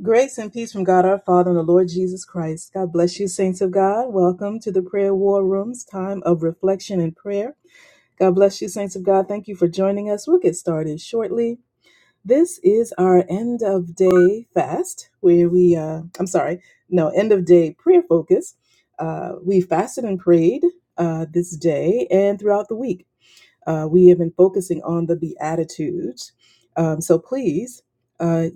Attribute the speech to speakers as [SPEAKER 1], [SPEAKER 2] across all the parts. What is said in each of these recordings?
[SPEAKER 1] Grace and peace from God our Father and the Lord Jesus Christ. God bless you, saints of God. Welcome to the prayer war room's time of reflection and prayer. God bless you, saints of God. Thank you for joining us. We'll get started shortly. This is our end of day fast, where we, uh, I'm sorry, no, end of day prayer focus. Uh, we fasted and prayed uh, this day and throughout the week. Uh, we have been focusing on the Beatitudes. Um, so please uh,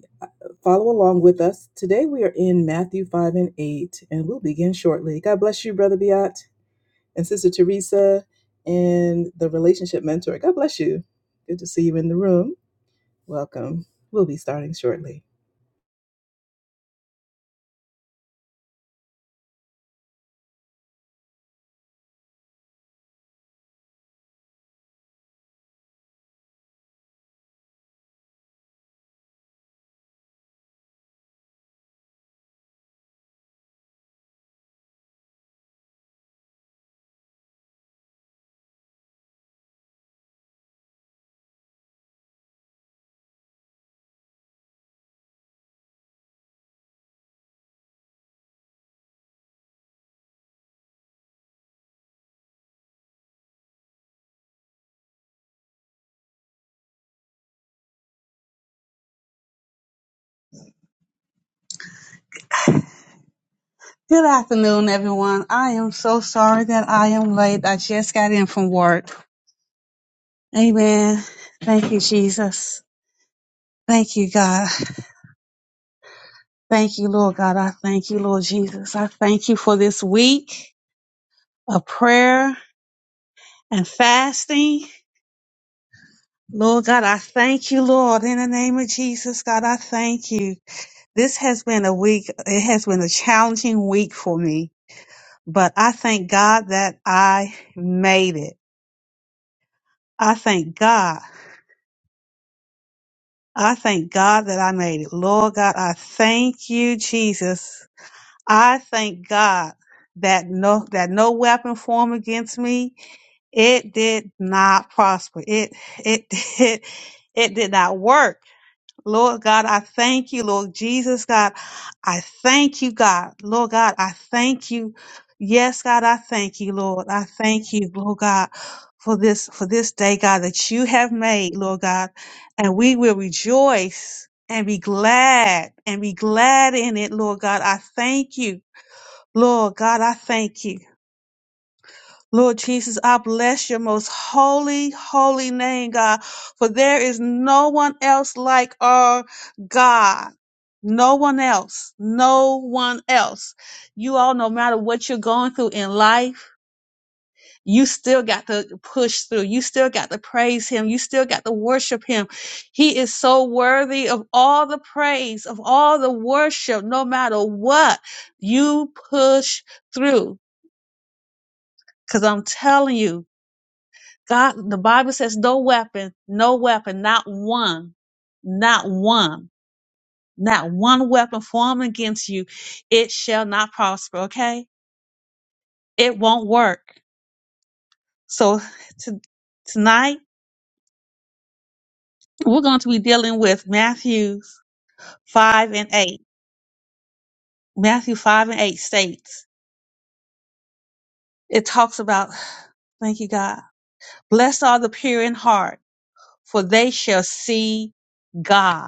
[SPEAKER 1] follow along with us. Today we are in Matthew 5 and 8, and we'll begin shortly. God bless you, Brother Beat and Sister Teresa and the relationship mentor. God bless you. Good to see you in the room. Welcome. We'll be starting shortly.
[SPEAKER 2] Good afternoon, everyone. I am so sorry that I am late. I just got in from work. Amen. Thank you, Jesus. Thank you, God. Thank you, Lord God. I thank you, Lord Jesus. I thank you for this week of prayer and fasting. Lord God, I thank you, Lord, in the name of Jesus. God, I thank you. This has been a week, it has been a challenging week for me, but I thank God that I made it. I thank God I thank God that I made it. Lord God, I thank you, Jesus. I thank God that no that no weapon formed against me, it did not prosper. It it did it did not work. Lord God, I thank you, Lord Jesus, God. I thank you, God. Lord God, I thank you. Yes, God, I thank you, Lord. I thank you, Lord God, for this, for this day, God, that you have made, Lord God. And we will rejoice and be glad and be glad in it, Lord God. I thank you. Lord God, I thank you. Lord Jesus, I bless your most holy, holy name, God, for there is no one else like our God. No one else. No one else. You all, no matter what you're going through in life, you still got to push through. You still got to praise him. You still got to worship him. He is so worthy of all the praise, of all the worship, no matter what. You push through. Cause I'm telling you, God, the Bible says, no weapon, no weapon, not one, not one, not one weapon formed against you, it shall not prosper. Okay, it won't work. So to, tonight we're going to be dealing with Matthew five and eight. Matthew five and eight states it talks about, thank you God, blessed are the pure in heart, for they shall see God.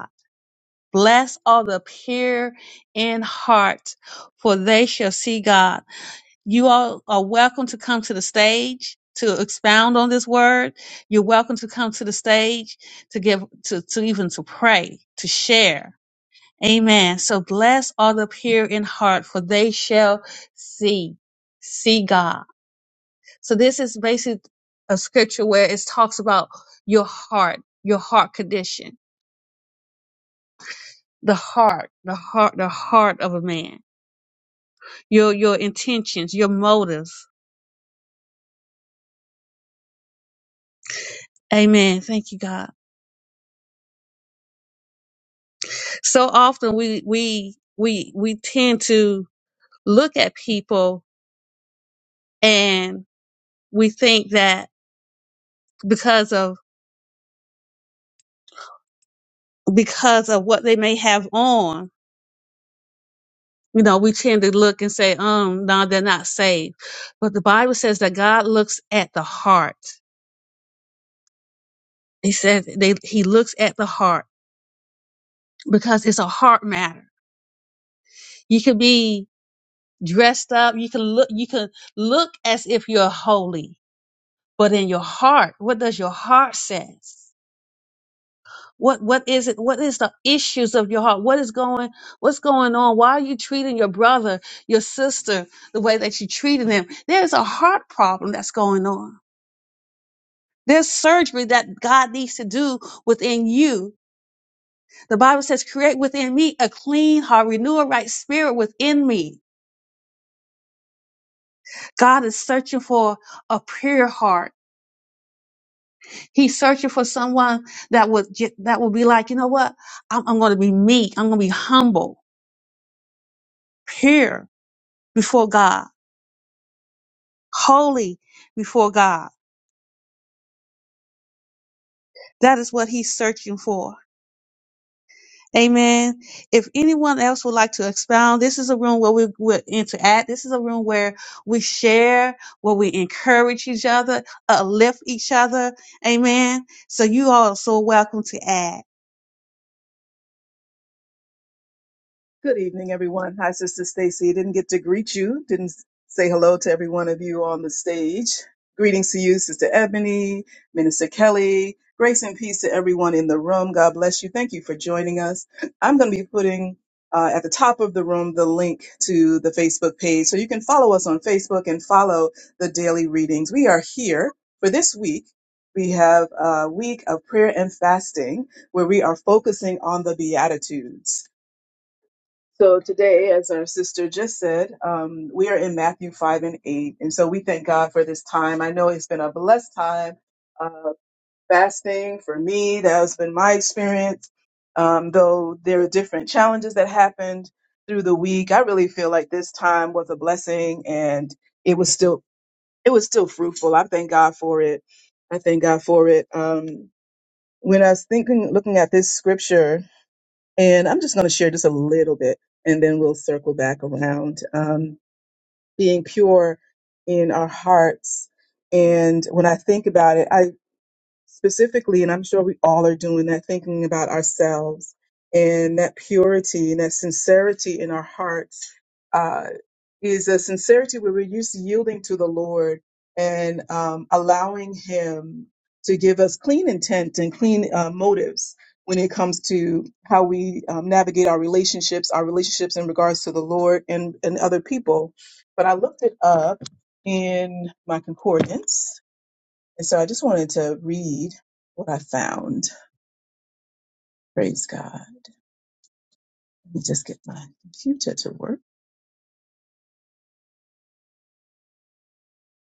[SPEAKER 2] Bless all the pure in heart, for they shall see God. You all are welcome to come to the stage to expound on this word. You're welcome to come to the stage to give, to, to even to pray, to share. Amen. So bless all the pure in heart, for they shall see, see God. So this is basically a scripture where it talks about your heart, your heart condition, the heart, the heart, the heart of a man your your intentions, your motives. Amen. Thank you, God. So often we we we we tend to look at people and we think that because of because of what they may have on, you know, we tend to look and say, um, no, they're not saved. But the Bible says that God looks at the heart. He says they he looks at the heart because it's a heart matter. You could be dressed up, you can look you can look as if you're holy but in your heart what does your heart says what what is it what is the issues of your heart what is going what's going on why are you treating your brother your sister the way that you treated them there's a heart problem that's going on there's surgery that God needs to do within you. The Bible says, create within me a clean heart, renew a right spirit within me. God is searching for a pure heart He's searching for someone that would ju- that would be like, you know what? I'm, I'm going to be meek. I'm going to be humble, pure before God, holy before God. That is what he's searching for. Amen. If anyone else would like to expound, this is a room where we we interact. This is a room where we share, where we encourage each other, uplift each other. Amen. So you all are so welcome to add.
[SPEAKER 1] Good evening, everyone. Hi, Sister Stacy. Didn't get to greet you. Didn't say hello to every one of you on the stage. Greetings to you, Sister Ebony, Minister Kelly. Grace and peace to everyone in the room. God bless you. Thank you for joining us. I'm going to be putting uh, at the top of the room the link to the Facebook page so you can follow us on Facebook and follow the daily readings. We are here for this week. We have a week of prayer and fasting where we are focusing on the Beatitudes. So today, as our sister just said, um, we are in Matthew 5 and 8. And so we thank God for this time. I know it's been a blessed time uh, fasting for me. That has been my experience. Um, though there are different challenges that happened through the week, I really feel like this time was a blessing and it was still it was still fruitful. I thank God for it. I thank God for it. Um, when I was thinking, looking at this scripture, and I'm just going to share just a little bit and then we'll circle back around. Um, being pure in our hearts. And when I think about it, specifically, and I'm sure we all are doing that, thinking about ourselves and that purity and that sincerity in our hearts uh, is a sincerity where we're used to yielding to the Lord and um, allowing Him to give us clean intent and clean uh, motives when it comes to how we um, navigate our relationships, our relationships in regards to the Lord and, and other people. But I looked it up in my concordance and so I just wanted to read what I found. Praise God. Let me just get my computer to work.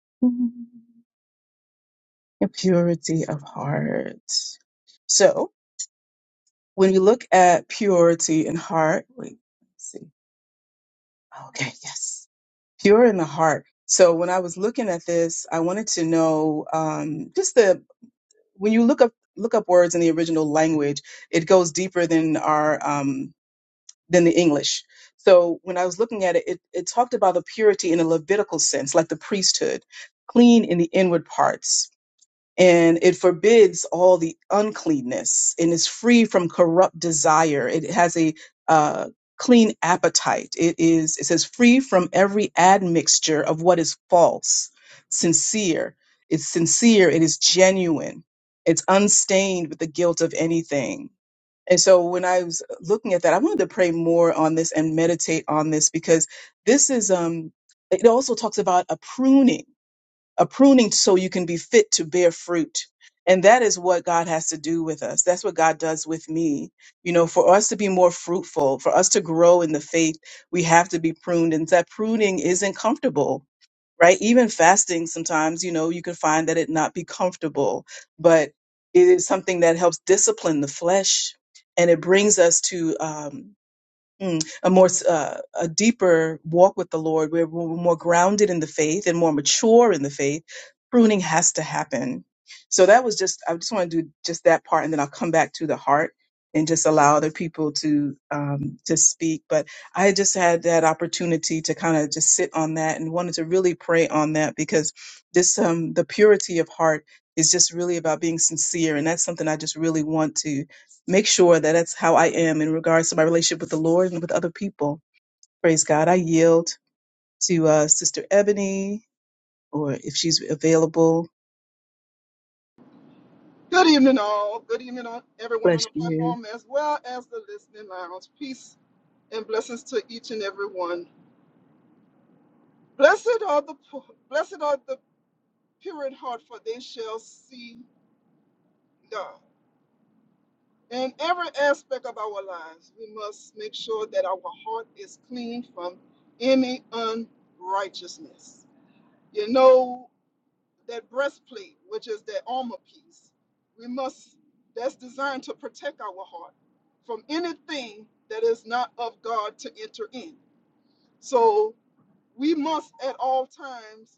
[SPEAKER 1] Impurity of heart. So when you look at purity in heart, wait, let's see. Okay, yes. Pure in the heart. So when I was looking at this, I wanted to know um, just the when you look up look up words in the original language, it goes deeper than our um, than the English. So when I was looking at it, it, it talked about the purity in a Levitical sense, like the priesthood, clean in the inward parts. And it forbids all the uncleanness and is free from corrupt desire. It has a uh, clean appetite. It is, it says, free from every admixture of what is false, sincere. It's sincere. It is genuine. It's unstained with the guilt of anything and so when I was looking at that, I wanted to pray more on this and meditate on this because this is um it also talks about a pruning, a pruning so you can be fit to bear fruit. And that is what God has to do with us. That's what God does with me. You know, for us to be more fruitful, for us to grow in the faith, we have to be pruned. And that pruning isn't comfortable right? Even fasting sometimes, you know, you can find that it not be comfortable, but it is something that helps discipline the flesh and it brings us to um, mm, a more s- uh, a deeper walk with the Lord, where we're more grounded in the faith and more mature in the faith, pruning has to happen. So that was just I just want to do just that part, and then I'll come back to the heart and just allow other people to um, to speak. But I just had that opportunity to kind of just sit on that and wanted to really pray on that because this um, the purity of heart is just really about being sincere, and that's something I just really want to make sure that that's how I am in regards to my relationship with the Lord and with other people. Praise God. I yield to uh, Sister Ebony, or if she's available,
[SPEAKER 3] Good evening, all. Good evening, on everyone on
[SPEAKER 1] bless
[SPEAKER 3] the
[SPEAKER 1] you.
[SPEAKER 3] platform as well as the listening lounge. Peace and blessings to each and every one. Blessed are the poor, blessed are the pure in heart, for they shall see God. In every aspect of our lives, we must make sure that our heart is clean from any unrighteousness. You know, that breastplate, which is that armor piece, we must, that's designed to protect our heart from anything that is not of God to enter in. So we must at all times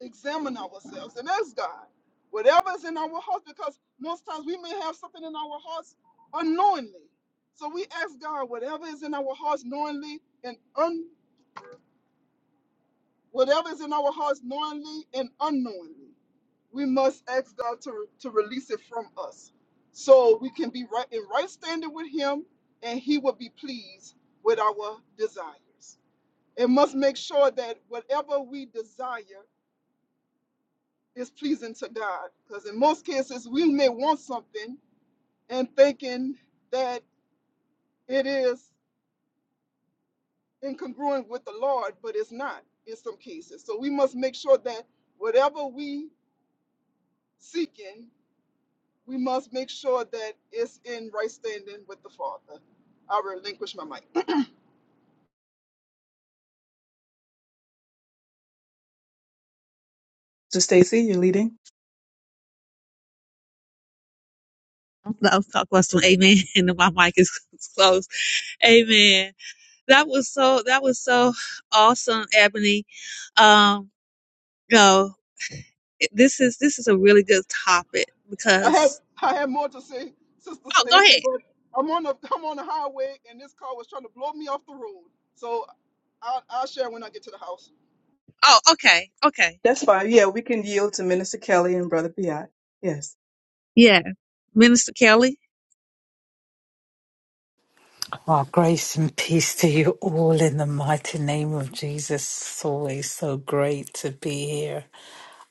[SPEAKER 3] examine ourselves and ask God, whatever is in our hearts, because most times we may have something in our hearts unknowingly. So we ask God, whatever is in our hearts knowingly and Whatever is in our hearts, knowingly and unknowingly, we must ask God to, to release it from us so we can be right in right standing with Him and He will be pleased with our desires. And must make sure that whatever we desire is pleasing to God. Because in most cases, we may want something and thinking that it is incongruent with the Lord, but it's not in some cases. So we must make sure that whatever we seeking we must make sure that it's in right standing with the Father. I relinquish my mic.
[SPEAKER 1] So, Stacy, you're leading?
[SPEAKER 2] That was talk was to amen. And my mic is closed. Amen. that was so that was so awesome ebony um you know, this is this is a really good topic
[SPEAKER 3] I have
[SPEAKER 2] because
[SPEAKER 3] I have more to say, Sister
[SPEAKER 2] oh go
[SPEAKER 3] Stacy,
[SPEAKER 2] ahead
[SPEAKER 3] but I'm on the I'm on the highway and this car was trying to blow me off the road. So I'll, I'll share when I get to the house.
[SPEAKER 2] oh okay okay
[SPEAKER 1] That's fine. Yeah, we can yield to Minister Kelly and Brother Piat. Yes.
[SPEAKER 2] yeah minister kelly
[SPEAKER 4] Our grace and peace to you all in the mighty name of Jesus. It's always so great to be here.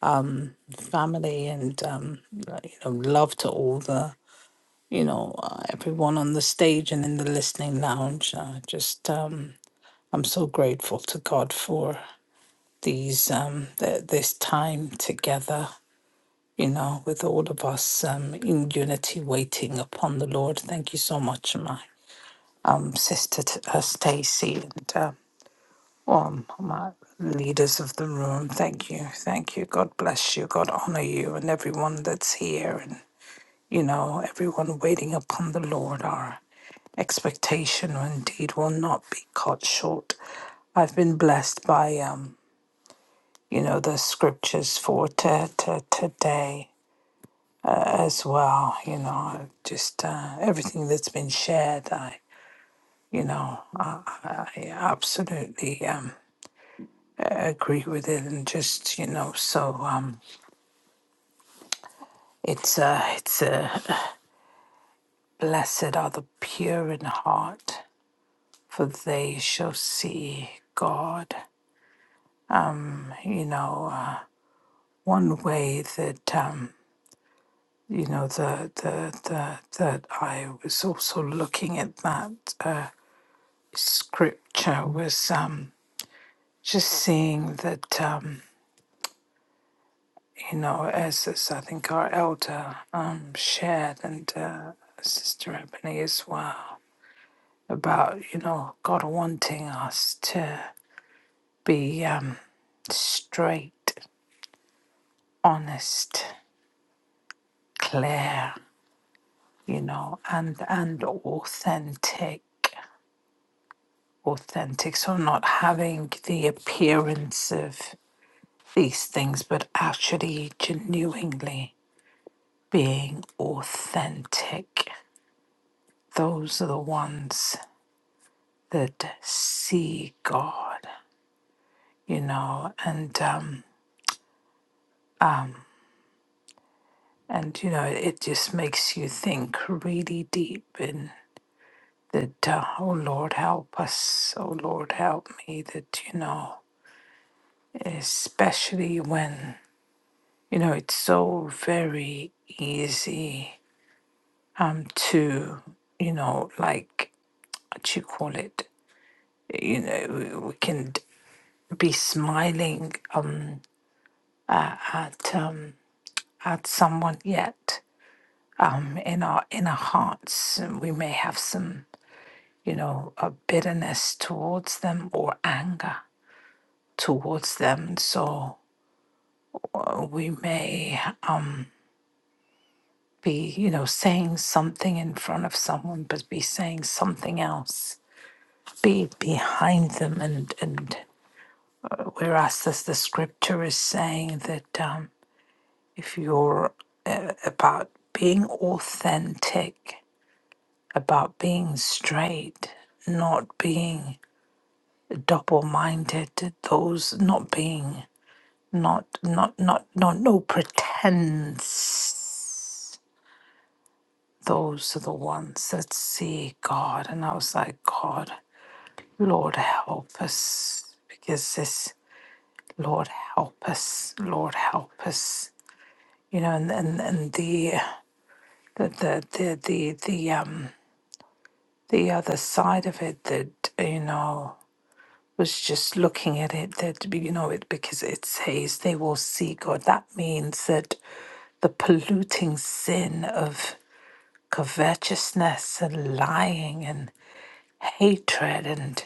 [SPEAKER 4] Um, family and um, you know, love to all the you know uh, everyone on the stage and in the listening lounge. Uh, just um, I'm so grateful to God for these um, th- this time together. You know, with all of us um, in unity, waiting upon the Lord. Thank you so much, my um, sister t- uh, Stacy and. um, Well, my leaders of the room, thank you, thank you. God bless you. God honor you and everyone that's here, and you know everyone waiting upon the Lord. Our expectation, indeed, will not be cut short. I've been blessed by um, you know, the scriptures for t- t- today as well. You know, just uh, everything that's been shared. I, you know, I, I I absolutely um agree with it, and just you know, so um. It's a, it's a blessed are the pure in heart, for they shall see God. You know, uh, one way that um, you know the the the that I was also looking at that uh, scripture was um, just seeing that um, you know as, as I think our elder um, shared and uh, Sister Ebony as well about you know God wanting us to. be um, straight, honest, clear, you know, and and authentic, authentic. So not having the appearance of these things, but actually genuinely being authentic. Those are the ones that see God, you know, and um, and you know, it just makes you think really deep in that, uh, oh Lord, help us. Oh Lord, help me that, you know, especially when, you know, it's so very easy um, to, you know, like, what you call it, you know, we, we can d- be smiling um, a- at, um, at someone yet. Um, in our in our hearts, and we may have some, you know, a bitterness towards them or anger towards them. So uh, we may be, you know, saying something in front of someone, but be saying something else, be behind them. And, and whereas this, the scripture is saying that um, if you're about being authentic, about being straight, not being double-minded, those not being, not, not, not, not, no pretense those are the ones that see God. And I was like, God, Lord, help us. Because this, Lord, help us. Lord, help us. You know, and and, and the, the the the the the um the other side of it that you know was just looking at it that you know it because it says they will see God. That means that the polluting sin of covetousness and lying and hatred and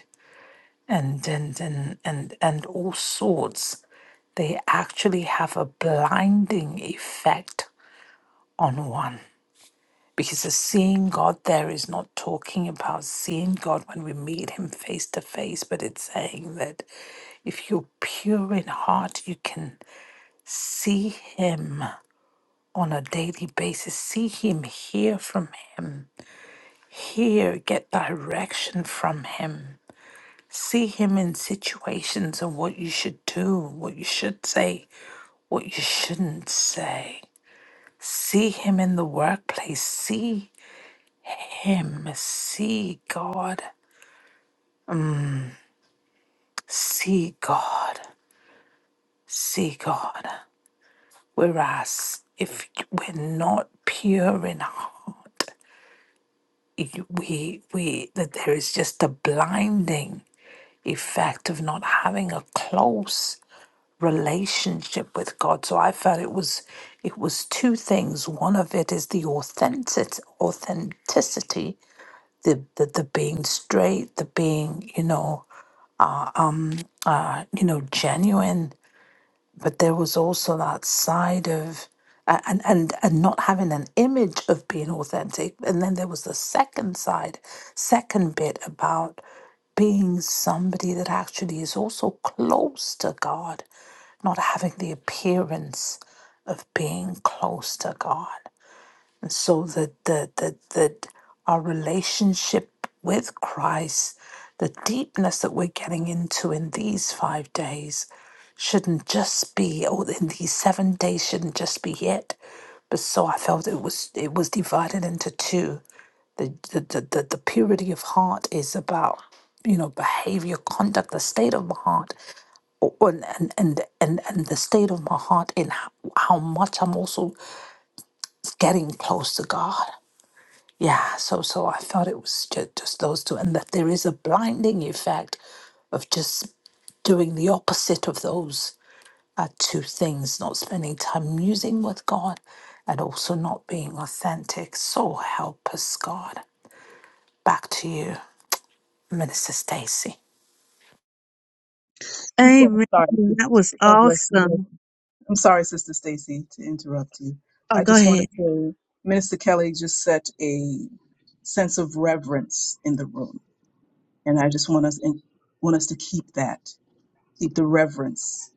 [SPEAKER 4] and and and and, and all sorts they actually have a blinding effect on one because the seeing god there is not talking about seeing god when we meet him face to face but it's saying that if you're pure in heart you can see him on a daily basis see him hear from him hear get direction from him See him in situations of what you should do, what you should say, what you shouldn't say. See him in the workplace. See him. See God. See God. See God. Whereas if we're not pure in heart, it- we we that there is just a blinding effect of not having a close relationship with God. So I felt it was it was two things. One of it is the authentic authenticity, the the, the being straight, the being you know uh, you know genuine, but there was also that side of a- and and and not having an image of being authentic and then there was the second side second bit about being somebody that actually is also close to god not having the appearance of being close to god and so that the, the, the our relationship with Christ, the deepness that we're getting into in these five days, shouldn't just be, or in these seven days shouldn't just be it. But so I felt it was it was divided into two. The the, the, the, the purity of heart is about you know behavior conduct the state of my heart o- and and and and, and the state of my heart in how, how much i'm also getting close to god yeah, so so I thought it was just, just those two, and that there is a blinding effect of just doing the opposite of those uh, two things, not spending time musing with God and also not being authentic. So help us, God. Back to you, Minister Stacy.
[SPEAKER 1] Before,
[SPEAKER 2] amen
[SPEAKER 1] I'm sorry,
[SPEAKER 2] that was
[SPEAKER 1] Sister. God bless you.
[SPEAKER 2] awesome
[SPEAKER 1] I'm sorry, Sister Stacy, to interrupt you.
[SPEAKER 2] oh
[SPEAKER 1] I
[SPEAKER 2] go
[SPEAKER 1] just want
[SPEAKER 2] ahead
[SPEAKER 1] to say, Minister Kelly just set a sense of reverence in the room, and I just want us want us to keep that. Keep the reverence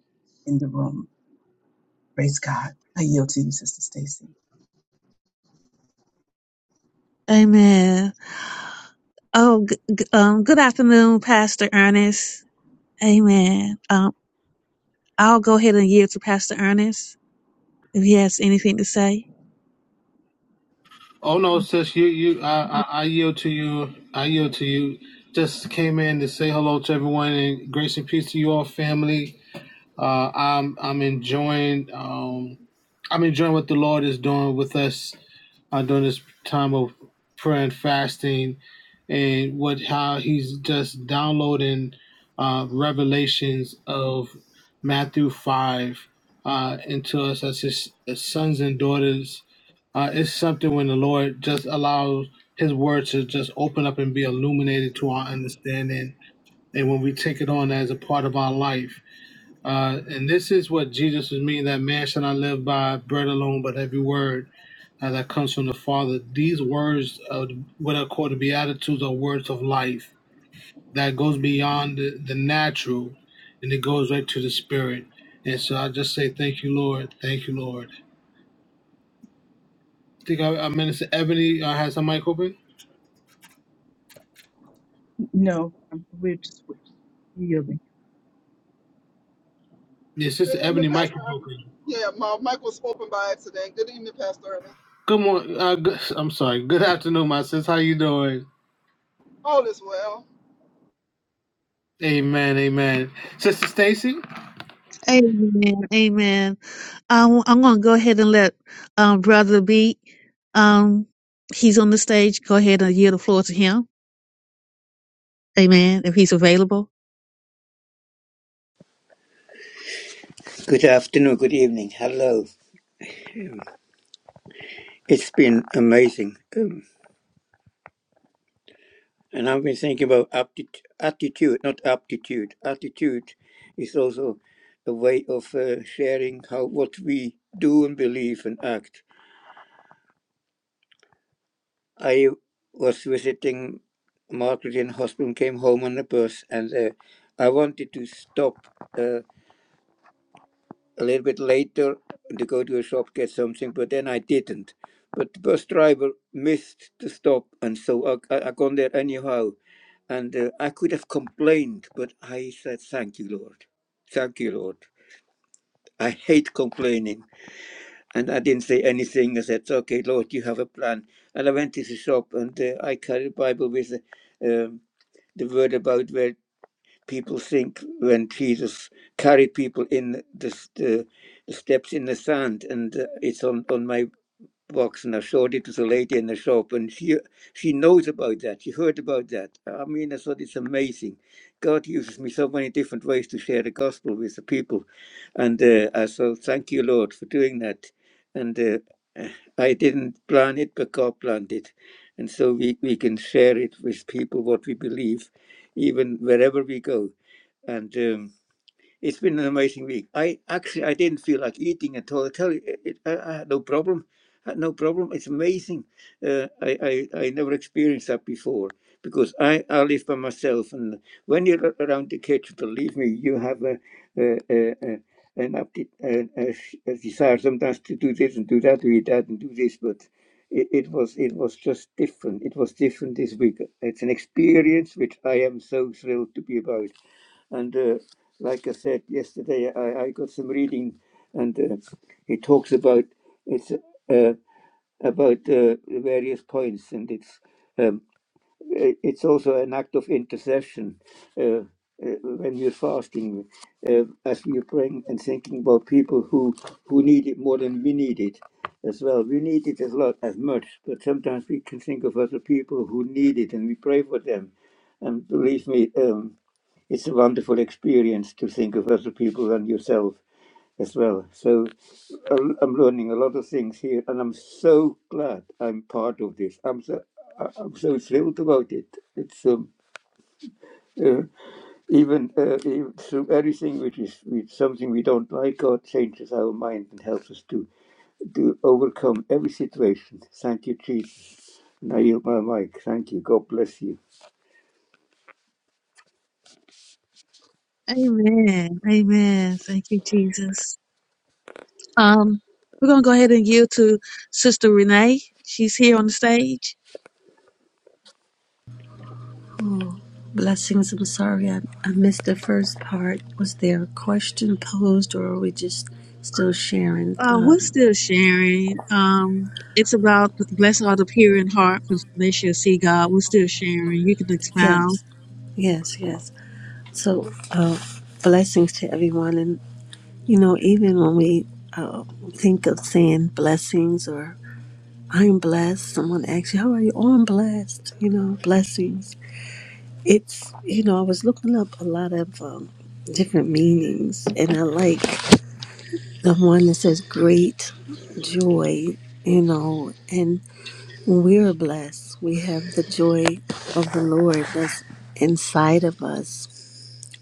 [SPEAKER 1] in the room. Praise God. I yield to you, Sister Stacy.
[SPEAKER 2] amen oh g- g- um good afternoon pastor ernest amen um i'll go ahead and yield to pastor ernest If he has anything to say.
[SPEAKER 5] Oh no, sis, you you I, I I yield to you. I yield to you. Just came in to say hello to everyone and grace and peace to you all, family. Uh, I'm I'm enjoying um, I'm enjoying what the Lord is doing with us uh, during this time of prayer and fasting, and what how He's just downloading uh, revelations of Matthew five uh, into us as His as sons and daughters uh, it's something when the Lord just allows His word to just open up and be illuminated to our understanding, and when we take it on as a part of our life. Uh, and this is what Jesus was meaning that man shall not live by bread alone, but every word uh, that comes from the Father. These words, of what are called the Beatitudes, are words of life that goes beyond the, the natural and it goes right to the spirit. And so I just say, Thank you, Lord. Thank you, Lord. I think I, I Minister Ebony uh, has her mic open.
[SPEAKER 1] No, I'm, we're just yielding.
[SPEAKER 5] Yes, Sister
[SPEAKER 3] Good evening,
[SPEAKER 5] Ebony Michael.
[SPEAKER 3] Pastor. Yeah, my mic was open by accident. Good evening, Pastor Ernest.
[SPEAKER 5] Good morning. Uh, good, I'm sorry. Good afternoon, my sis. How you doing?
[SPEAKER 3] All is well.
[SPEAKER 5] Amen. Amen. Sister Stacy,
[SPEAKER 2] Amen. Amen. Um, I'm going to go ahead and let um, Brother B, um, he's on the stage. Go ahead and yield the floor to him. Amen. If he's available.
[SPEAKER 6] Good afternoon, good evening. Hello. It's been amazing. Um, and I've been thinking about apti- attitude, not aptitude. Attitude is also a way of uh, sharing how what we do and believe and act. I was visiting Margaret in hospital, came home on the bus, and uh, I wanted to stop. Uh, a little bit later to go to a shop get something, but then I didn't. But the bus driver missed the stop, and so I, I, I gone there anyhow. And uh, I could have complained, but I said, "Thank you, Lord. Thank you, Lord. I hate complaining." And I didn't say anything. I said, "Okay, Lord, you have a plan." And I went to the shop, and uh, I carried a Bible with uh, um, the word about where people think when Jesus carried people in the, the, the steps in the sand, and uh, it's on, on my box, and I showed it to the lady in the shop, and she she knows about that. She heard about that. I mean, I thought it's amazing. God uses me so many different ways to share the gospel with the people, and uh, I so thank you, Lord, for doing that. And uh, uh, I didn't plan it, but God planned it, and so we, we can share it with people what we believe, even wherever we go and um, it's been an amazing week. I actually I didn't feel like eating at all. I tell you, it, I, I had no problem. I had no problem. It's amazing. Uh, I, I I never experienced that before because I, I live by myself, and when you're around the kitchen, believe me, you have a, a, a, a an apti- a, a, a desire sometimes to do this and do that, do that and do this, but. It, it was it was just different. It was different this week. It's an experience which I am so thrilled to be about and. uh, like I said yesterday, I, I got some reading, and uh, it talks about it's uh, about uh, various points, and it's um, i- it's also an act of intercession uh, uh, when you're fasting, uh, as we're praying and thinking about people who who need it more than we need it as well. We need it as lot as much, but sometimes we can think of other people who need it, and we pray for them. And believe me. Um, it's a wonderful experience to think of other people than yourself as well. So uh, I'm learning a lot of things here, and I'm so glad I'm part of this. I'm so I- I'm so thrilled about it. It's um, uh, even, uh, even through everything which is which something we don't like, God changes our mind and helps us to to overcome every situation. Thank you, Jesus. And I yield my mic. Thank you. God bless you.
[SPEAKER 2] Amen. Amen. Thank you, Jesus. Um, we're going to go ahead and yield to Sister Renee. She's here on the stage.
[SPEAKER 7] Blessings. I'm sorry I, I missed the first part. Was there a question posed, or are we just still sharing?
[SPEAKER 2] Uh, we're
[SPEAKER 7] Um,
[SPEAKER 2] still sharing. Um, it's about blessed are the pure in heart because they shall see God. We're still sharing. You can expound.
[SPEAKER 7] yes, yes, yes. So, uh, blessings to everyone. And, you know, even when we uh, think of saying blessings or I'm blessed, someone asks you, How are you? Oh, I'm blessed. You know, blessings. It's, you know, I was looking up a lot of um, different meanings, and I like the one that says great joy, you know, and we're blessed. We have the joy of the Lord that's inside of us,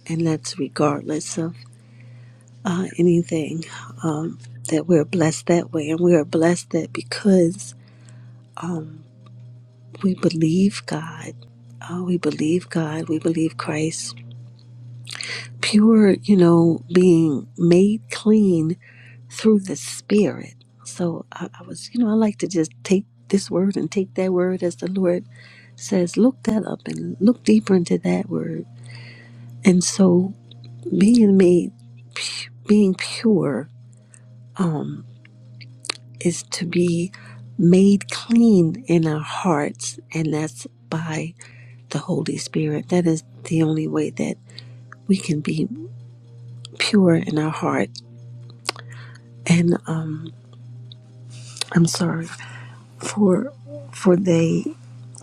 [SPEAKER 7] and that's regardless of uh, anything, um, that we're blessed that way. And we are blessed that because we believe God, uh, we believe God, we believe Christ. Pure, you know, being made clean through the Spirit. So I, I was, you know, I like to just take this word and take that word as the Lord says, look that up and look deeper into that word. And so being made, pu- being pure, um, is to be made clean in our hearts, and that's by the Holy Spirit. That is the only way that we can be pure in our heart. And um, I'm sorry. for for they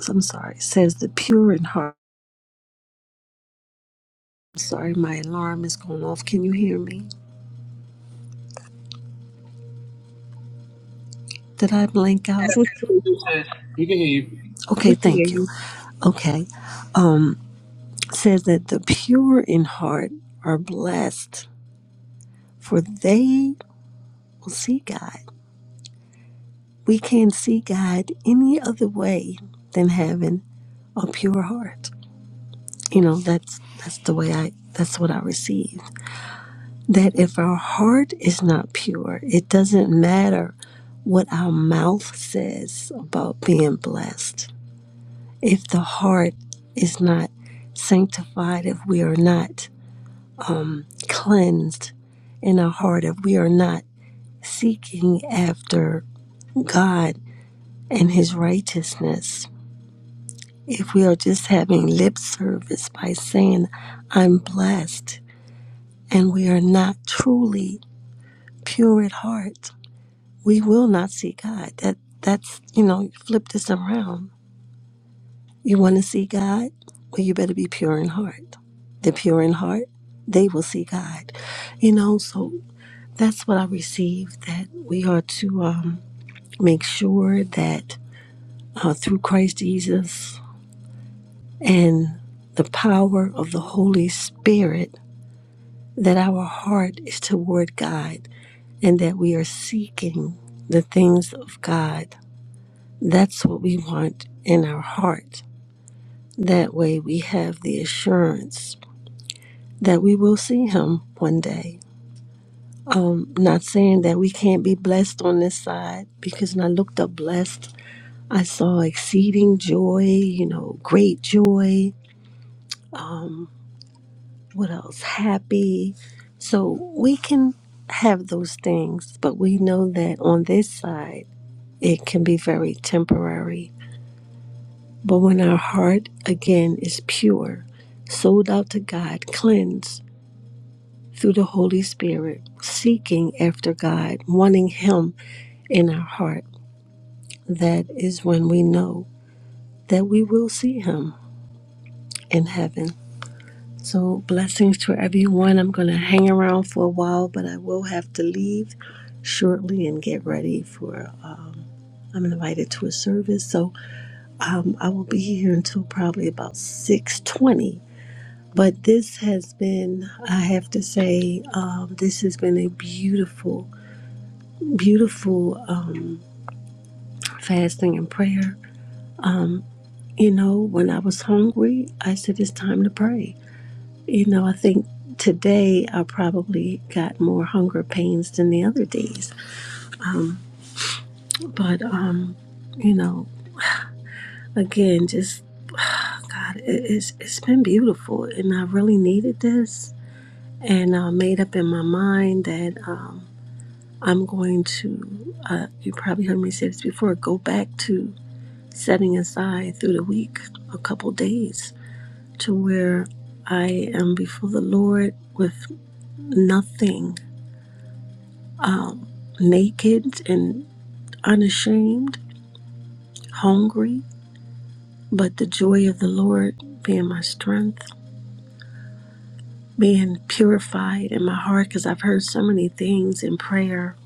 [SPEAKER 7] I'm sorry, says the pure in heart. I'm sorry, my alarm is going off. Can you hear me? Did I blank
[SPEAKER 2] Yes,
[SPEAKER 7] out?
[SPEAKER 2] we
[SPEAKER 5] you can hear you.
[SPEAKER 7] Okay,
[SPEAKER 2] we can hear
[SPEAKER 7] thank you.
[SPEAKER 2] you.
[SPEAKER 7] Okay. Um says that the pure in heart are blessed, for they will see God. We can't see God any other way than having a pure heart. You know, that's that's the way I that's what I receive that if our heart is not pure, it doesn't matter what our mouth says about being blessed. If the heart is not sanctified, if we are not cleansed in our heart, if we are not seeking after God and His righteousness, if we are just having lip service by saying, I'm blessed, and we are not truly pure at heart, we will not see God. That that's you know, flip this around. You want to see God? Well, you better be pure in heart. The pure in heart, they will see God. You know, so that's what I received. That we are to um, make sure that uh, through Christ Jesus and the power of the Holy Spirit, that our heart is toward God, and that we are seeking the things of God That's what we want in our heart. That way we have the assurance that we will see him one day. Um, not saying that we can't be blessed on this side because when I looked up blessed, I saw exceeding joy, you know, great joy. Um, what else? Happy. So we can have those things, but we know that on this side, it can be very temporary But when our heart again is pure, sold out to God, cleansed through the Holy Spirit, seeking after God, wanting Him in our heart, that is when we know that we will see Him in heaven. So, blessings to everyone. I'm going to hang around for a while, but I will have to leave shortly and get ready for uh, I'm invited to a service so um, I will be here until probably about 6:20 But this has been, I have to say, um, this has been a beautiful, beautiful um, fasting and prayer. You know, when I was hungry, I said, it's time to pray. You know, I think today I probably got more hunger pains than the other days. But, um, you know, again, just God, it, it's, it's been beautiful. And I really needed this. And I made up in my mind that. um, I'm going to, uh, you probably heard me say this before, go back to setting aside through the week a couple days to where I am before the Lord with nothing, um, naked and unashamed, hungry, but the joy of the Lord being my strength, being purified in my heart because I've heard so many things in prayer.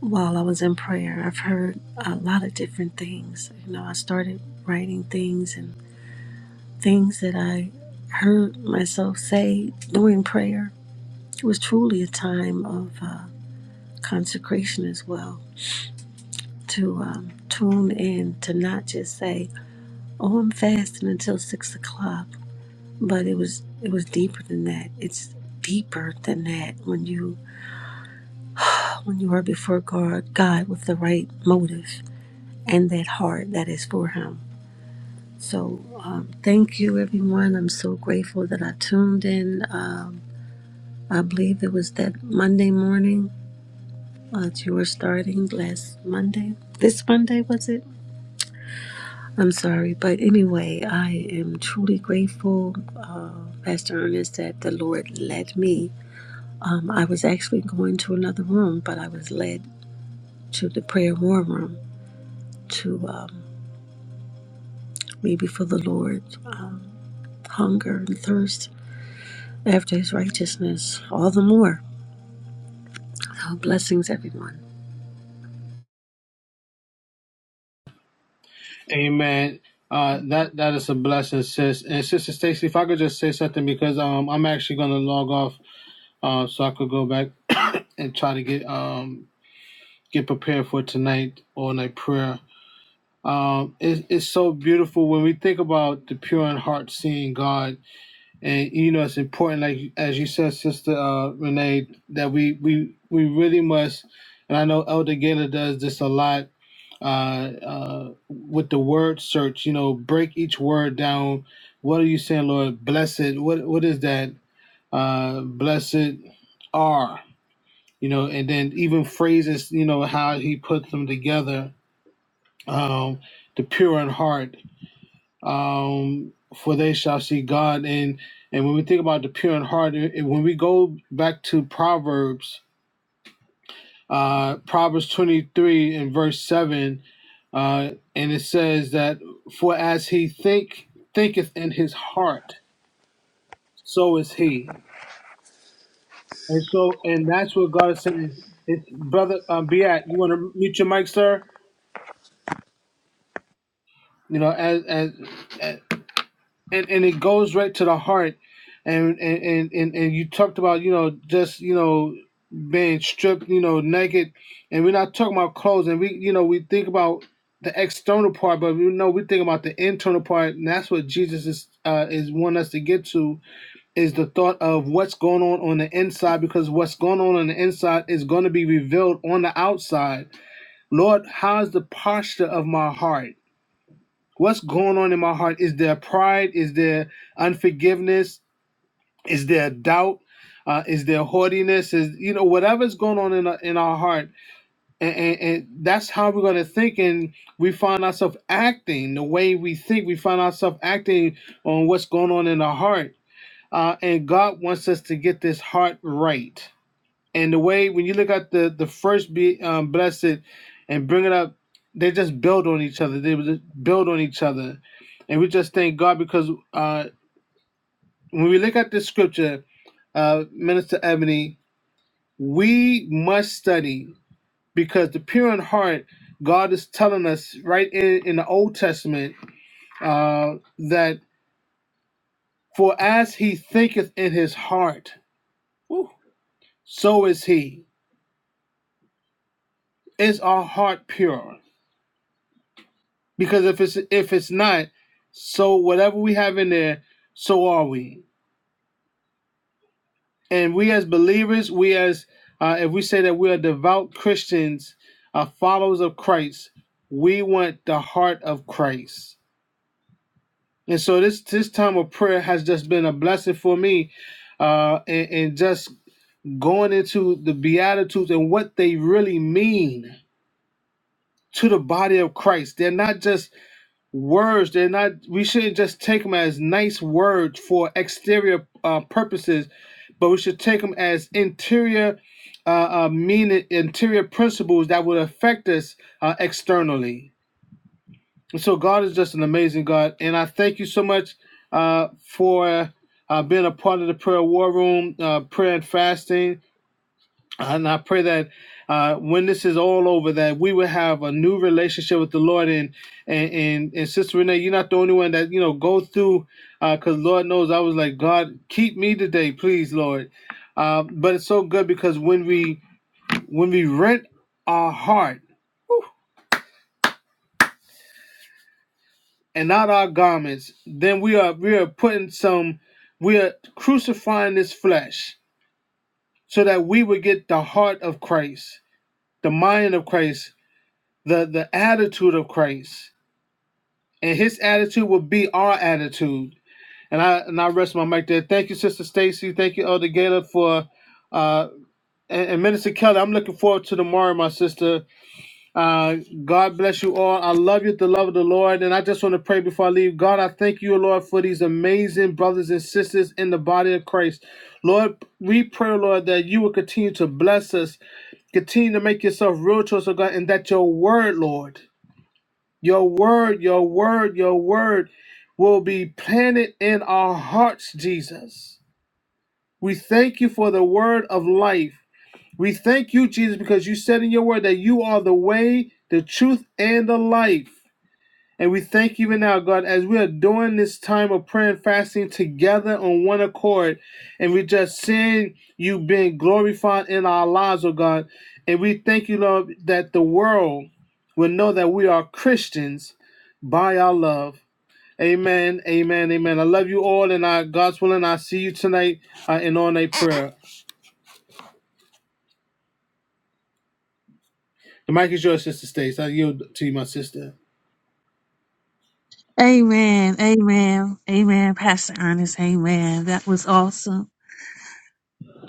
[SPEAKER 7] While I was in prayer, I've heard a lot of different things. You know, I started writing things and things that I heard myself say during prayer. It was truly a time of uh, consecration as well to um, tune in to not just say, "Oh, I'm fasting until six o'clock," but it was it was deeper than that. It's deeper than that when you when you are before God, God with the right motive and that heart that is for Him. So um, thank you, everyone. I'm so grateful that I tuned in. Um, I believe it was that Monday morning uh, that you were starting last Monday. This Monday, was it? I'm sorry. But anyway, I am truly grateful, uh, Pastor Ernest, that the Lord led me. Um, I was actually going to another room, but I was led to the prayer war room to um, maybe for the Lord hunger and thirst after his righteousness all the more. So blessings, everyone.
[SPEAKER 5] Amen. Uh, that that is a blessing, sis. And Sister Stacy, if I could just say something because um I'm actually gonna log off uh so I could go back and try to get um get prepared for tonight or night prayer. Um, it's it's so beautiful when we think about the pure in heart seeing God and you know it's important like as you said sister uh renee that we we we really must and i know elder gaylor does this a lot uh uh with the word search you know break each word down what are you saying lord blessed what what is that uh blessed are you know and then even phrases you know how he puts them together um the pure in heart um, for they shall see God. And and when we think about the pure in heart, it- when we go back to Proverbs, uh, Proverbs twenty three and verse seven, uh, and it says that for as he think thinketh in his heart, so is he. And so, and that's what God is saying. It's brother, um, be at. You want to mute your mic, sir? You know, as as and and it goes right to the heart and and and and and you talked about you know just you know being stripped you know naked and we're not talking about clothes and we you know we think about the external part but we know we think about the internal part and that's what jesus is uh is wanting us to get to is the thought of what's going on on the inside because what's going on on the inside is going to be revealed on the outside lord how's the posture of my heart What's going on in my heart? Is there pride? Is there unforgiveness? Is there doubt? Uh, is there haughtiness? Is you know whatever's going on in our, in our heart, and, and, and that's how we're going to think, and we find ourselves acting the way we think. We find ourselves acting on what's going on in our heart, uh, and God wants us to get this heart right. And the way when you look at the the first be um, blessed and bring it up, they just build on each other. They just build on each other, and we just thank God because uh, when we look at this scripture, uh, Minister Ebony, we must study because the pure in heart, God is telling us right in in the Old Testament uh, that for as he thinketh in his heart, whew, so is he. Is our heart pure? Because if it's if it's not, so whatever we have in there, so are we. And we as believers, we as uh, if we say that we are devout Christians, uh, followers of Christ, we want the heart of Christ. And so this this time of prayer has just been a blessing for me, uh, and, and just going into the Beatitudes and what they really mean to the body of Christ. They're not just words they're not we shouldn't just take them as nice words for exterior uh, purposes but we should take them as interior uh, uh, meaning interior principles that would affect us uh, externally and so god is just an amazing god and i thank you so much uh, for uh, being a part of the prayer war room uh, prayer and fasting and I pray that uh, when this is all over, that we will have a new relationship with the Lord. And and and, and Sister Renee, you're not the only one that you know go through, because uh, Lord knows I was like, God, keep me today, please, Lord. Uh, but it's so good because when we when we rent our heart and not our garments, then we are we are putting some, we are crucifying this flesh so that we would get the heart of Christ, the mind of Christ, the the attitude of Christ and his attitude will be our attitude. And I and I rest my mic there. Thank you, Sister Stacy. Thank you, Elder Gaylor, for uh and, and Minister Kelly. I'm looking forward to tomorrow, my sister. Uh God bless you all. I love you, with the love of the Lord. And I just want to pray before I leave. God, I thank you, Lord, for these amazing brothers and sisters in the body of Christ. Lord, we pray, Lord, that you will continue to bless us, continue to make yourself real to us, oh God, and that your word, Lord. Your word, your word, your word will be planted in our hearts, Jesus. We thank you for the word of life. We thank you, Jesus, because you said in your word that you are the way, the truth, and the life. And we thank you even now, God, as we are doing this time of prayer and fasting together on one accord. And we just seeing you being glorified in our lives, oh God. And we thank you, Lord, that the world will know that we are Christians by our love. Amen, amen, amen. I love you all, and I, God's willing, I see you tonight uh, in all-night prayer. The mic is yours, Sister Stace. I yield to you, my sister.
[SPEAKER 2] Amen. Amen. Amen. Pastor Ernest. Amen. That was awesome.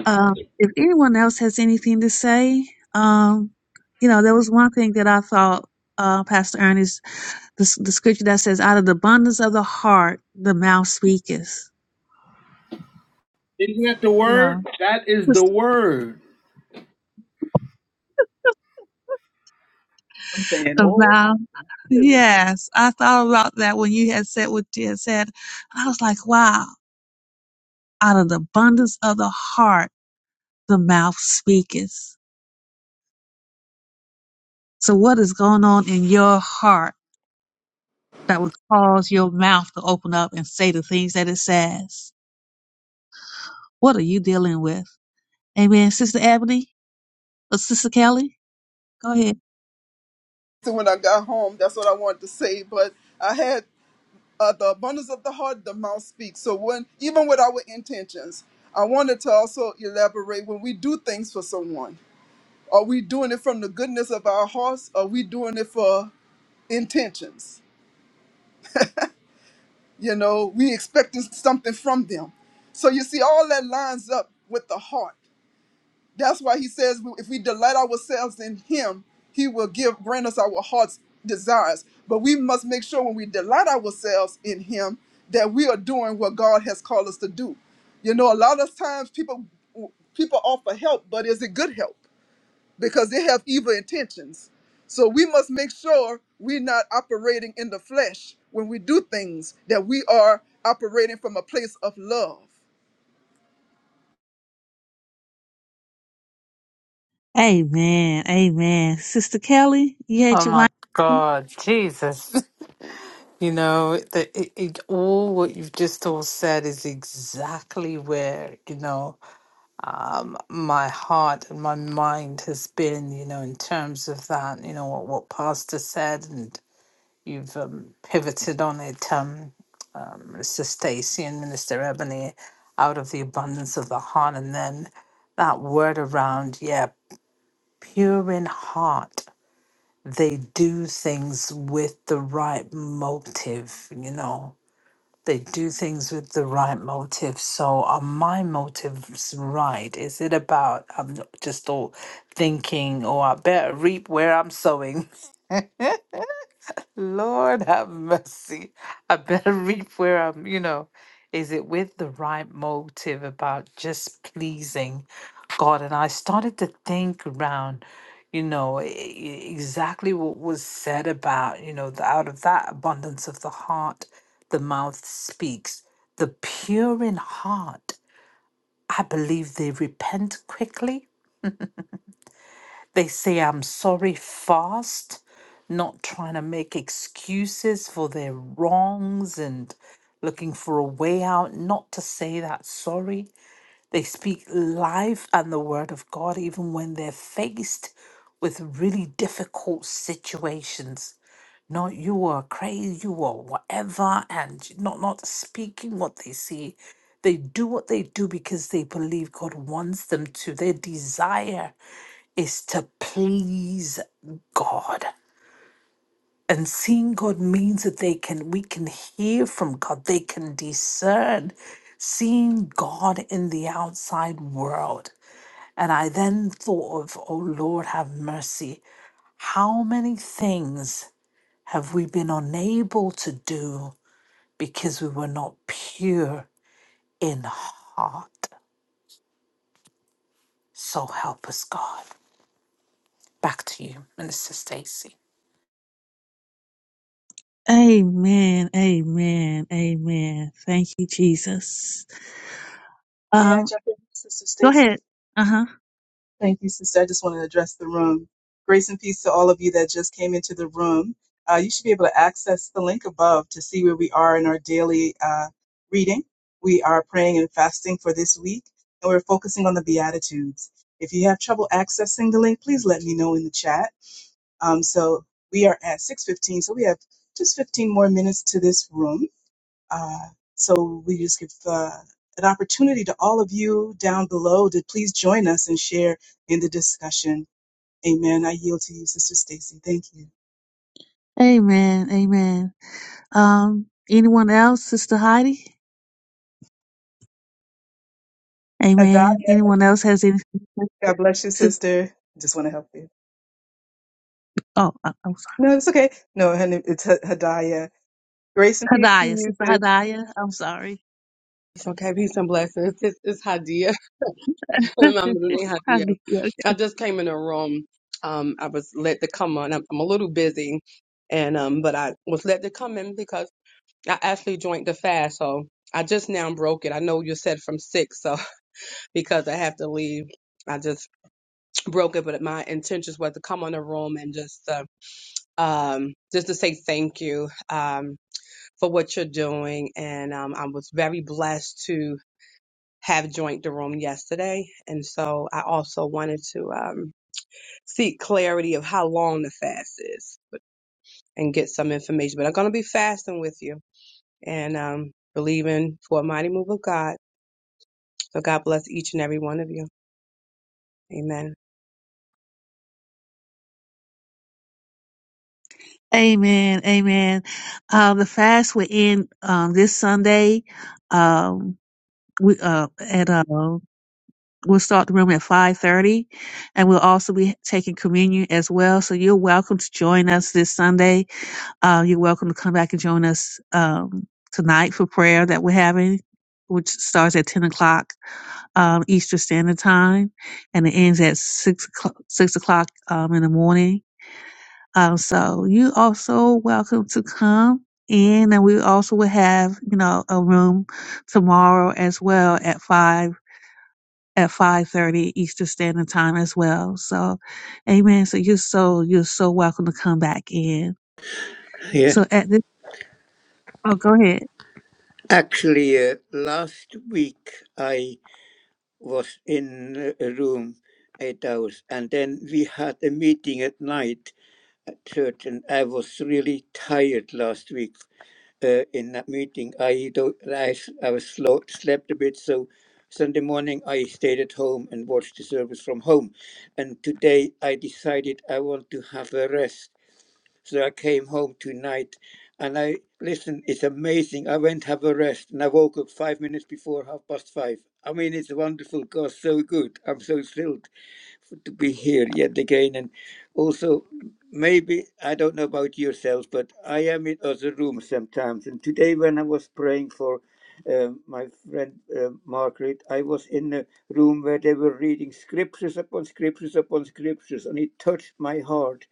[SPEAKER 2] Uh, if anyone else has anything to say, um, you know, there was one thing that I thought, uh, Pastor Ernest, the, s- the scripture that says, out of the abundance of the heart, the mouth speaketh.
[SPEAKER 5] Isn't that the
[SPEAKER 2] You know,
[SPEAKER 5] word? That is the
[SPEAKER 2] just
[SPEAKER 5] word.
[SPEAKER 1] I'm saying,
[SPEAKER 2] the
[SPEAKER 1] oh,
[SPEAKER 2] mouth. Yes, I thought about that when you had said what you had said. And I was like, wow, out of the abundance of the heart, the mouth speaketh. So what is going on in your heart that would cause your mouth to open up and say the things that it says? What are you dealing with? Amen. Sister Ebony or Sister Kelly? Go ahead.
[SPEAKER 3] So when I got home, that's what I wanted to say. But I had uh, the abundance of the heart, the mouth speaks. So when even with our intentions, I wanted to also elaborate when we do things for someone, are we doing it from the goodness of our hearts? Are we doing it for intentions? You know, we expecting something from them. So you see, all that lines up with the heart. That's why he says if we delight ourselves in him, he will give grant us our heart's desires. But we must make sure when we delight ourselves in him that we are doing what God has called us to do. You know, a lot of times people people offer help, but is it good help? Because they have evil intentions. So we must make sure we're not operating in the flesh when we do things, that we are operating from a place of love.
[SPEAKER 2] Amen. Amen. Sister Kelly, you had
[SPEAKER 4] Oh
[SPEAKER 2] your
[SPEAKER 4] my
[SPEAKER 2] mic.
[SPEAKER 4] God, Jesus. You know, the, it, it, all what you've just all said is exactly where, you know, um, my heart and my mind has been, you know, in terms of that, you know, what, what Pastor said, and you've um, pivoted on it, um, um, Mr. Stacy and Minister Ebony, out of the abundance of the heart. And then that word around, yeah, pure in heart. They do things with the right motive, you know they do things with the right motive. So are my motives right? Is it about I'm not just all thinking, oh, I better reap where I'm sowing? Lord have mercy. I better reap where I'm, you know. Is it with the right motive about just pleasing God? And I started to think around, you know, e- e- exactly what was said about, you know, the, out of that abundance of the heart, the mouth speaks. The pure in heart, I believe they repent quickly they say I'm sorry fast, not trying to make excuses for their wrongs and looking for a way out, not to say that sorry. They speak life and the word of God even when they're faced with really difficult situations. Not you are crazy, you are whatever, and not not speaking what they see. They do what they do because they believe God wants them to. Their desire is to please God. And seeing God means that they can we can hear from God, they can discern seeing God in the outside world. And I then thought of, oh Lord, have mercy. How many things have we been unable to do because we were not pure in heart? So help us, God. Back to you, Minister Stacy.
[SPEAKER 2] Amen. Amen. Amen. Thank you, Jesus.
[SPEAKER 1] may I jump in, Sister
[SPEAKER 2] Go
[SPEAKER 1] Stacy?
[SPEAKER 2] ahead. Uh huh.
[SPEAKER 1] Thank you, Sister. I just want to address the room. Grace and peace to all of you that just came into the room. Uh, you should be able to access the link above to see where we are in our daily uh, reading. We are praying and fasting for this week, and we're focusing on the Beatitudes. If you have trouble accessing the link, please let me know in the chat Um, so we are at 6.15, so we have just 15 more minutes to this room. Uh, so we just give uh, an opportunity to all of you down below to please join us and share in the discussion. Amen. I yield to you, Sister Stacy. Thank you.
[SPEAKER 2] Amen. Amen. Um, anyone else, Sister Heidi? Amen.
[SPEAKER 1] Hadaya,
[SPEAKER 2] Anyone else has anything? to
[SPEAKER 1] God bless you,
[SPEAKER 2] say?
[SPEAKER 1] sister. Just want to help you.
[SPEAKER 2] Oh, I- I'm sorry.
[SPEAKER 1] No, it's okay. No, honey, it's H- Hadaya. Grace and peace to
[SPEAKER 2] Hadiah,
[SPEAKER 1] you,
[SPEAKER 2] Sister
[SPEAKER 1] sis.
[SPEAKER 2] Hadiah. I'm sorry.
[SPEAKER 8] It's okay. Peace and blessings. This is Hadia. Mamadune Hadia.
[SPEAKER 2] Hadiah. okay.
[SPEAKER 8] I just came in a room. Um, I was let to come on. I'm, I'm a little busy, and um, but I was let to come in because I actually joined the fast. So I just now broke it. I know you said from six, so because I have to leave, I just broke it. But my intentions were to come on the room and just uh, um just to say thank you um for what you're doing, and um I was very blessed to have joined the room yesterday. And so I also wanted to um, seek clarity of how long the fast is but, and get some information. But I'm going to be fasting with you and um, believing for a mighty move of God. So God bless each and every one of you. Amen.
[SPEAKER 2] Amen. Amen. Uh, the fast will end um, this Sunday. Um, we uh, at uh, we'll start the room at five thirty, and we'll also be taking communion as well. So you're welcome to join us this Sunday Uh, you're welcome to come back and join us um, tonight for prayer that we're having, which starts at 10 o'clock um, Eastern Standard Time and it ends at 6 o'clock, 6 o'clock um, in the morning. Um, so you also welcome to come in and we also will have, you know, a room tomorrow as well at 5 at 5:30 Eastern Standard Time as well. So amen. So you're so you're so welcome to come back in.
[SPEAKER 6] Yeah.
[SPEAKER 2] So at this oh go ahead.
[SPEAKER 6] Actually, uh, last week I was in a room eight hours and then we had a meeting at night at church and i was really tired last week uh, in that meeting i don't i, s- I was slow, slept a bit so sunday morning i stayed at home and watched the service from home and today i decided i want to have a rest so I came home tonight and I listen, it's amazing. I went have a rest and I woke up five minutes before half past five. I mean it's wonderful, God's so good. I'm so thrilled to be here yet again. And also, maybe I don't know about yourselves, but I am in other rooms sometimes. And today, when I was praying for um my friend uh, Margaret, I was in a room where they were reading scriptures upon scriptures upon scriptures, and it touched my heart.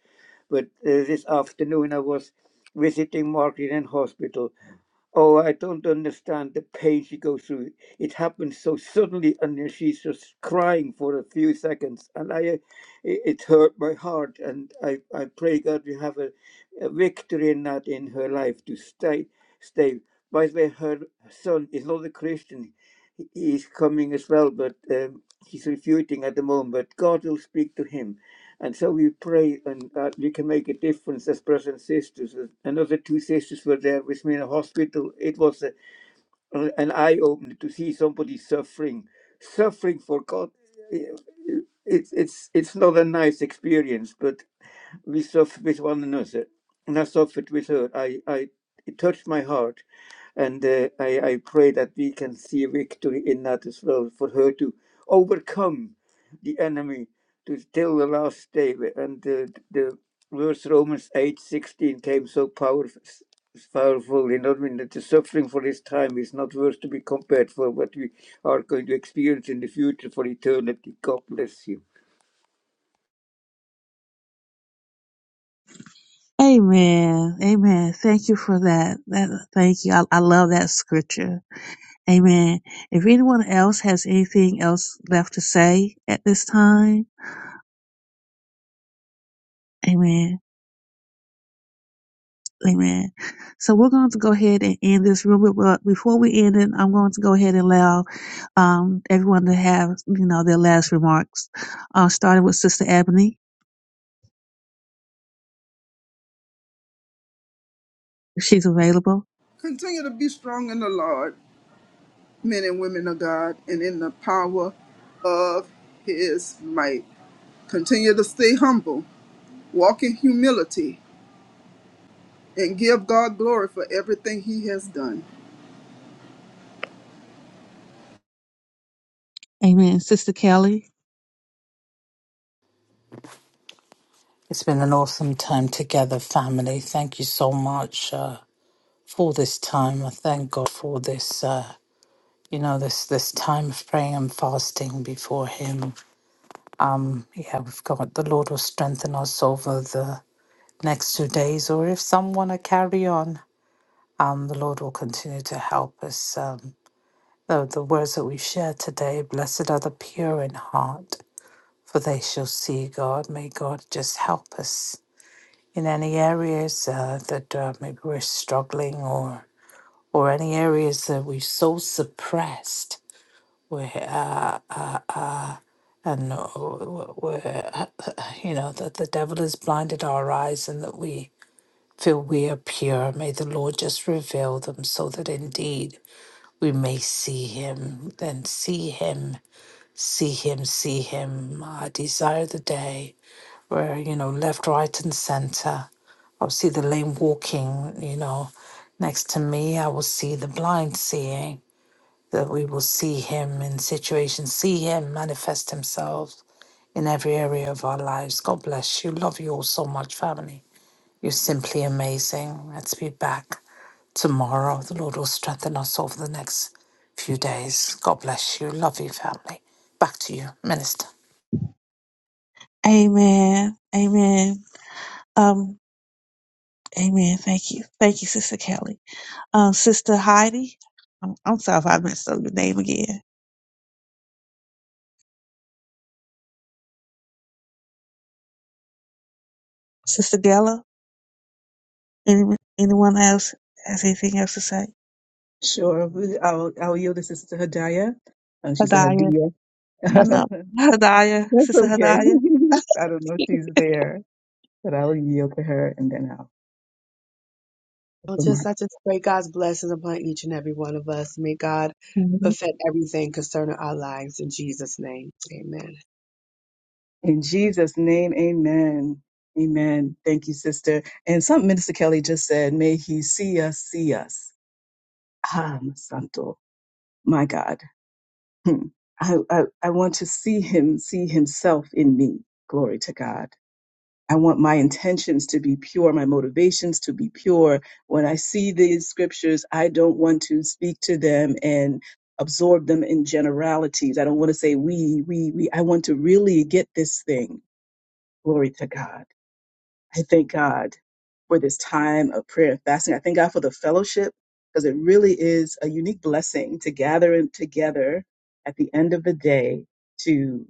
[SPEAKER 6] But uh, this afternoon, I was visiting Margaret in hospital, Oh, I don't understand the pain she goes through. It happens so suddenly, and then she's just crying for a few seconds, and I, it, it hurt my heart. And I, I pray God we have a, a victory in that in her life to stay, stay. By the way, her son is not a Christian; He- he's coming as well, but um, he's refuting at the moment. But God will speak to him and so we pray and that we can make a difference as brothers and sisters. Uh, Another two sisters were there with me in a hospital. It was a, an eye opener to see somebody suffering, suffering for God. It's, it's, it's not a nice experience, but we suffered with one another, and I suffered with her. I, I it touched my heart, and uh, I, I pray that we can see victory in that as well for her to overcome the enemy to till the last day. And uh, the verse Romans eight sixteen came so powerful. Powerful, you know, I mean, that the suffering for this time is not worth to be compared for what we are going to experience in the future for eternity. God bless you.
[SPEAKER 2] Amen. Amen. Thank you for that. That thank you. I, I love that scripture. Amen. If anyone else has anything else left to say at this time, Amen. Amen. So we're going to go ahead and end this room, but before we end it, I'm going to go ahead and allow um, everyone to have you know their last remarks, uh, starting with Sister Ebony, if she's available.
[SPEAKER 3] Continue to be strong in the Lord. men and women of God and in the power of his might. Continue to stay humble, walk in humility, and give God glory for everything he has done.
[SPEAKER 2] Amen. Sister Kelly.
[SPEAKER 4] It's been an awesome time together, family. Thank you so much uh, for this time. I thank God for this, uh, you know, this this time of praying and fasting before Him. Um, yeah, we've got the Lord will strengthen us over the next two days, or if some want to carry on, um, the Lord will continue to help us. Um, the, the words that we've shared today, blessed are the pure in heart, for they shall see God. May God just help us in any areas uh, that uh, maybe we're struggling or or any areas that we're so suppressed where uh, and uh, where uh, you know that the devil has blinded our eyes and that we feel we are pure may the lord just reveal them so that indeed we may see him then see him see him see him i desire the day where you know left right and center i'll see the lame walking you know next to me i will see the blind seeing that we will see him in situations see him manifest himself in every area of our lives god bless you love you all so much family you're simply amazing let's be back tomorrow the lord will strengthen us over the next few days god bless you love you family back to you minister
[SPEAKER 2] Amen. Amen. Um. Amen. Thank you. Thank you, Sister Kelly. Uh, Sister Heidi, I'm, I'm sorry if I messed up your name again. Sister Della, any, anyone else has anything else to say?
[SPEAKER 1] Sure. we- I'll, I'll yield to Sister Hadaya. Um, she said
[SPEAKER 2] Hadaya,
[SPEAKER 1] Hadia.
[SPEAKER 2] I know. Hadaya,
[SPEAKER 1] That's
[SPEAKER 2] Sister
[SPEAKER 1] okay.
[SPEAKER 2] Hadaya.
[SPEAKER 1] I don't know if she's there, but I will yield to her and then I'll
[SPEAKER 8] Well, just
[SPEAKER 1] remark.
[SPEAKER 8] I just pray God's blessings upon each and every one of us. May God
[SPEAKER 2] Mhm.
[SPEAKER 8] perfect everything concerning our lives in Jesus' name. Amen.
[SPEAKER 1] In Jesus' name, amen. Amen. Thank you, sister. And something Minister Kelly just said, may he see us, see us. Ah, Santo, my God. Hmm. I, I, I want to see him, see himself in me. Glory to God. I want my intentions to be pure, my motivations to be pure. When I see these scriptures, I don't want to speak to them and absorb them in generalities. I don't want to say we, we, we. I want to really get this thing. Glory to God. I thank God for this time of prayer and fasting. I thank God for the fellowship because it really is a unique blessing to gather in- together at the end of the day to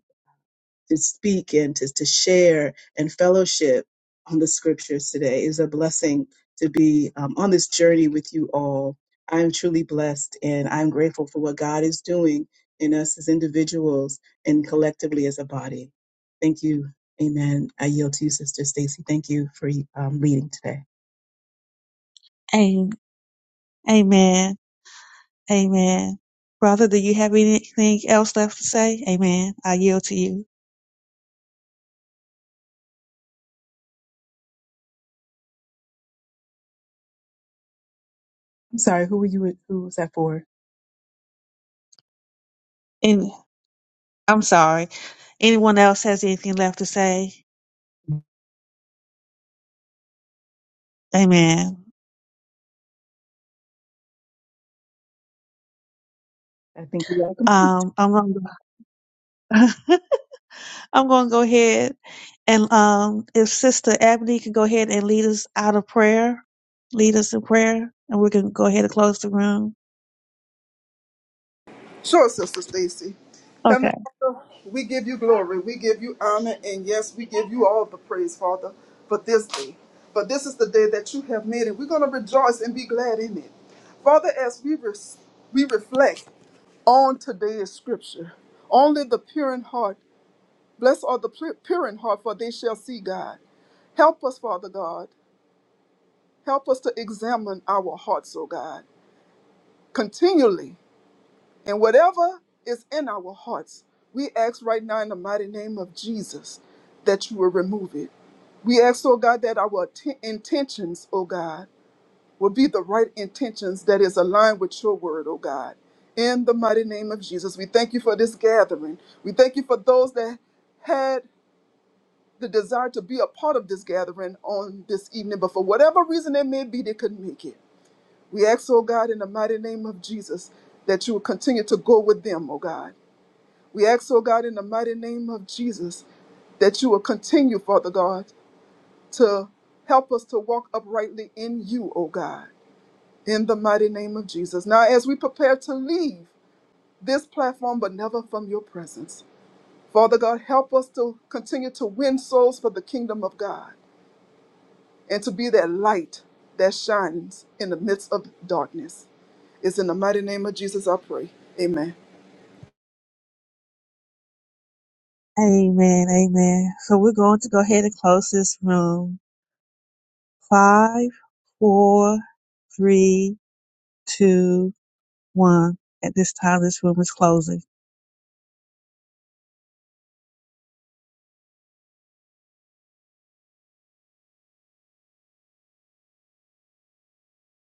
[SPEAKER 1] to speak and to, to share and fellowship on the scriptures today. It is a blessing to be um, on this journey with you all. I am truly blessed and I'm grateful for what God is doing in us as individuals and collectively as a body. Thank you. Amen. I yield to you, Sister Stacy. Thank you for um, leading today.
[SPEAKER 2] Am- Amen. Amen. Brother, do you have anything else left to say? Amen. I yield to you.
[SPEAKER 1] I'm sorry, who were you? Who was that for?
[SPEAKER 2] I'm sorry. Anyone else has anything left to say? Amen.
[SPEAKER 1] I think we all complete.
[SPEAKER 2] Um, I'm going. To, I'm going to go ahead and um, if Sister Ebony can go ahead and lead us out of prayer, lead us in prayer, and we can go ahead and close the room.
[SPEAKER 3] Sure, Sister Stacy. Heavenly
[SPEAKER 2] Okay.
[SPEAKER 3] Father, we give you glory, we give you honor, and yes, we give you all the praise, Father, for this day. For this is the day that you have made, and we're going to rejoice and be glad in it. Father, as we, res- we reflect on today's scripture. Only the pure in heart Bless all the pu- pure in heart, for they shall see God. Help us, Father God. Help us to examine our hearts, O God, continually. And whatever is in our hearts, we ask right now in the mighty name of Jesus that you will remove it. We ask, O God, that our atten- intentions, O God, will be the right intentions that is aligned with your word, O God. In the mighty name of Jesus, we thank you for this gathering. We thank you for those that had the desire to be a part of this gathering on this evening, but for whatever reason it may be, they couldn't make it. We ask, oh God, in the mighty name of Jesus, that you will continue to go with them, oh God. We ask, oh God, in the mighty name of Jesus, that you will continue, Father God, to help us to walk uprightly in you, O God, in the mighty name of Jesus. Now, as we prepare to leave this platform, but never from your presence, Father God, help us to continue to win souls for the kingdom of God. and to be that light that shines in the midst of darkness. It's in the mighty name of Jesus I pray. Amen.
[SPEAKER 2] Amen. Amen. So we're going to go ahead and close this room. Five, four, three, two, one. At this time, this room is closing.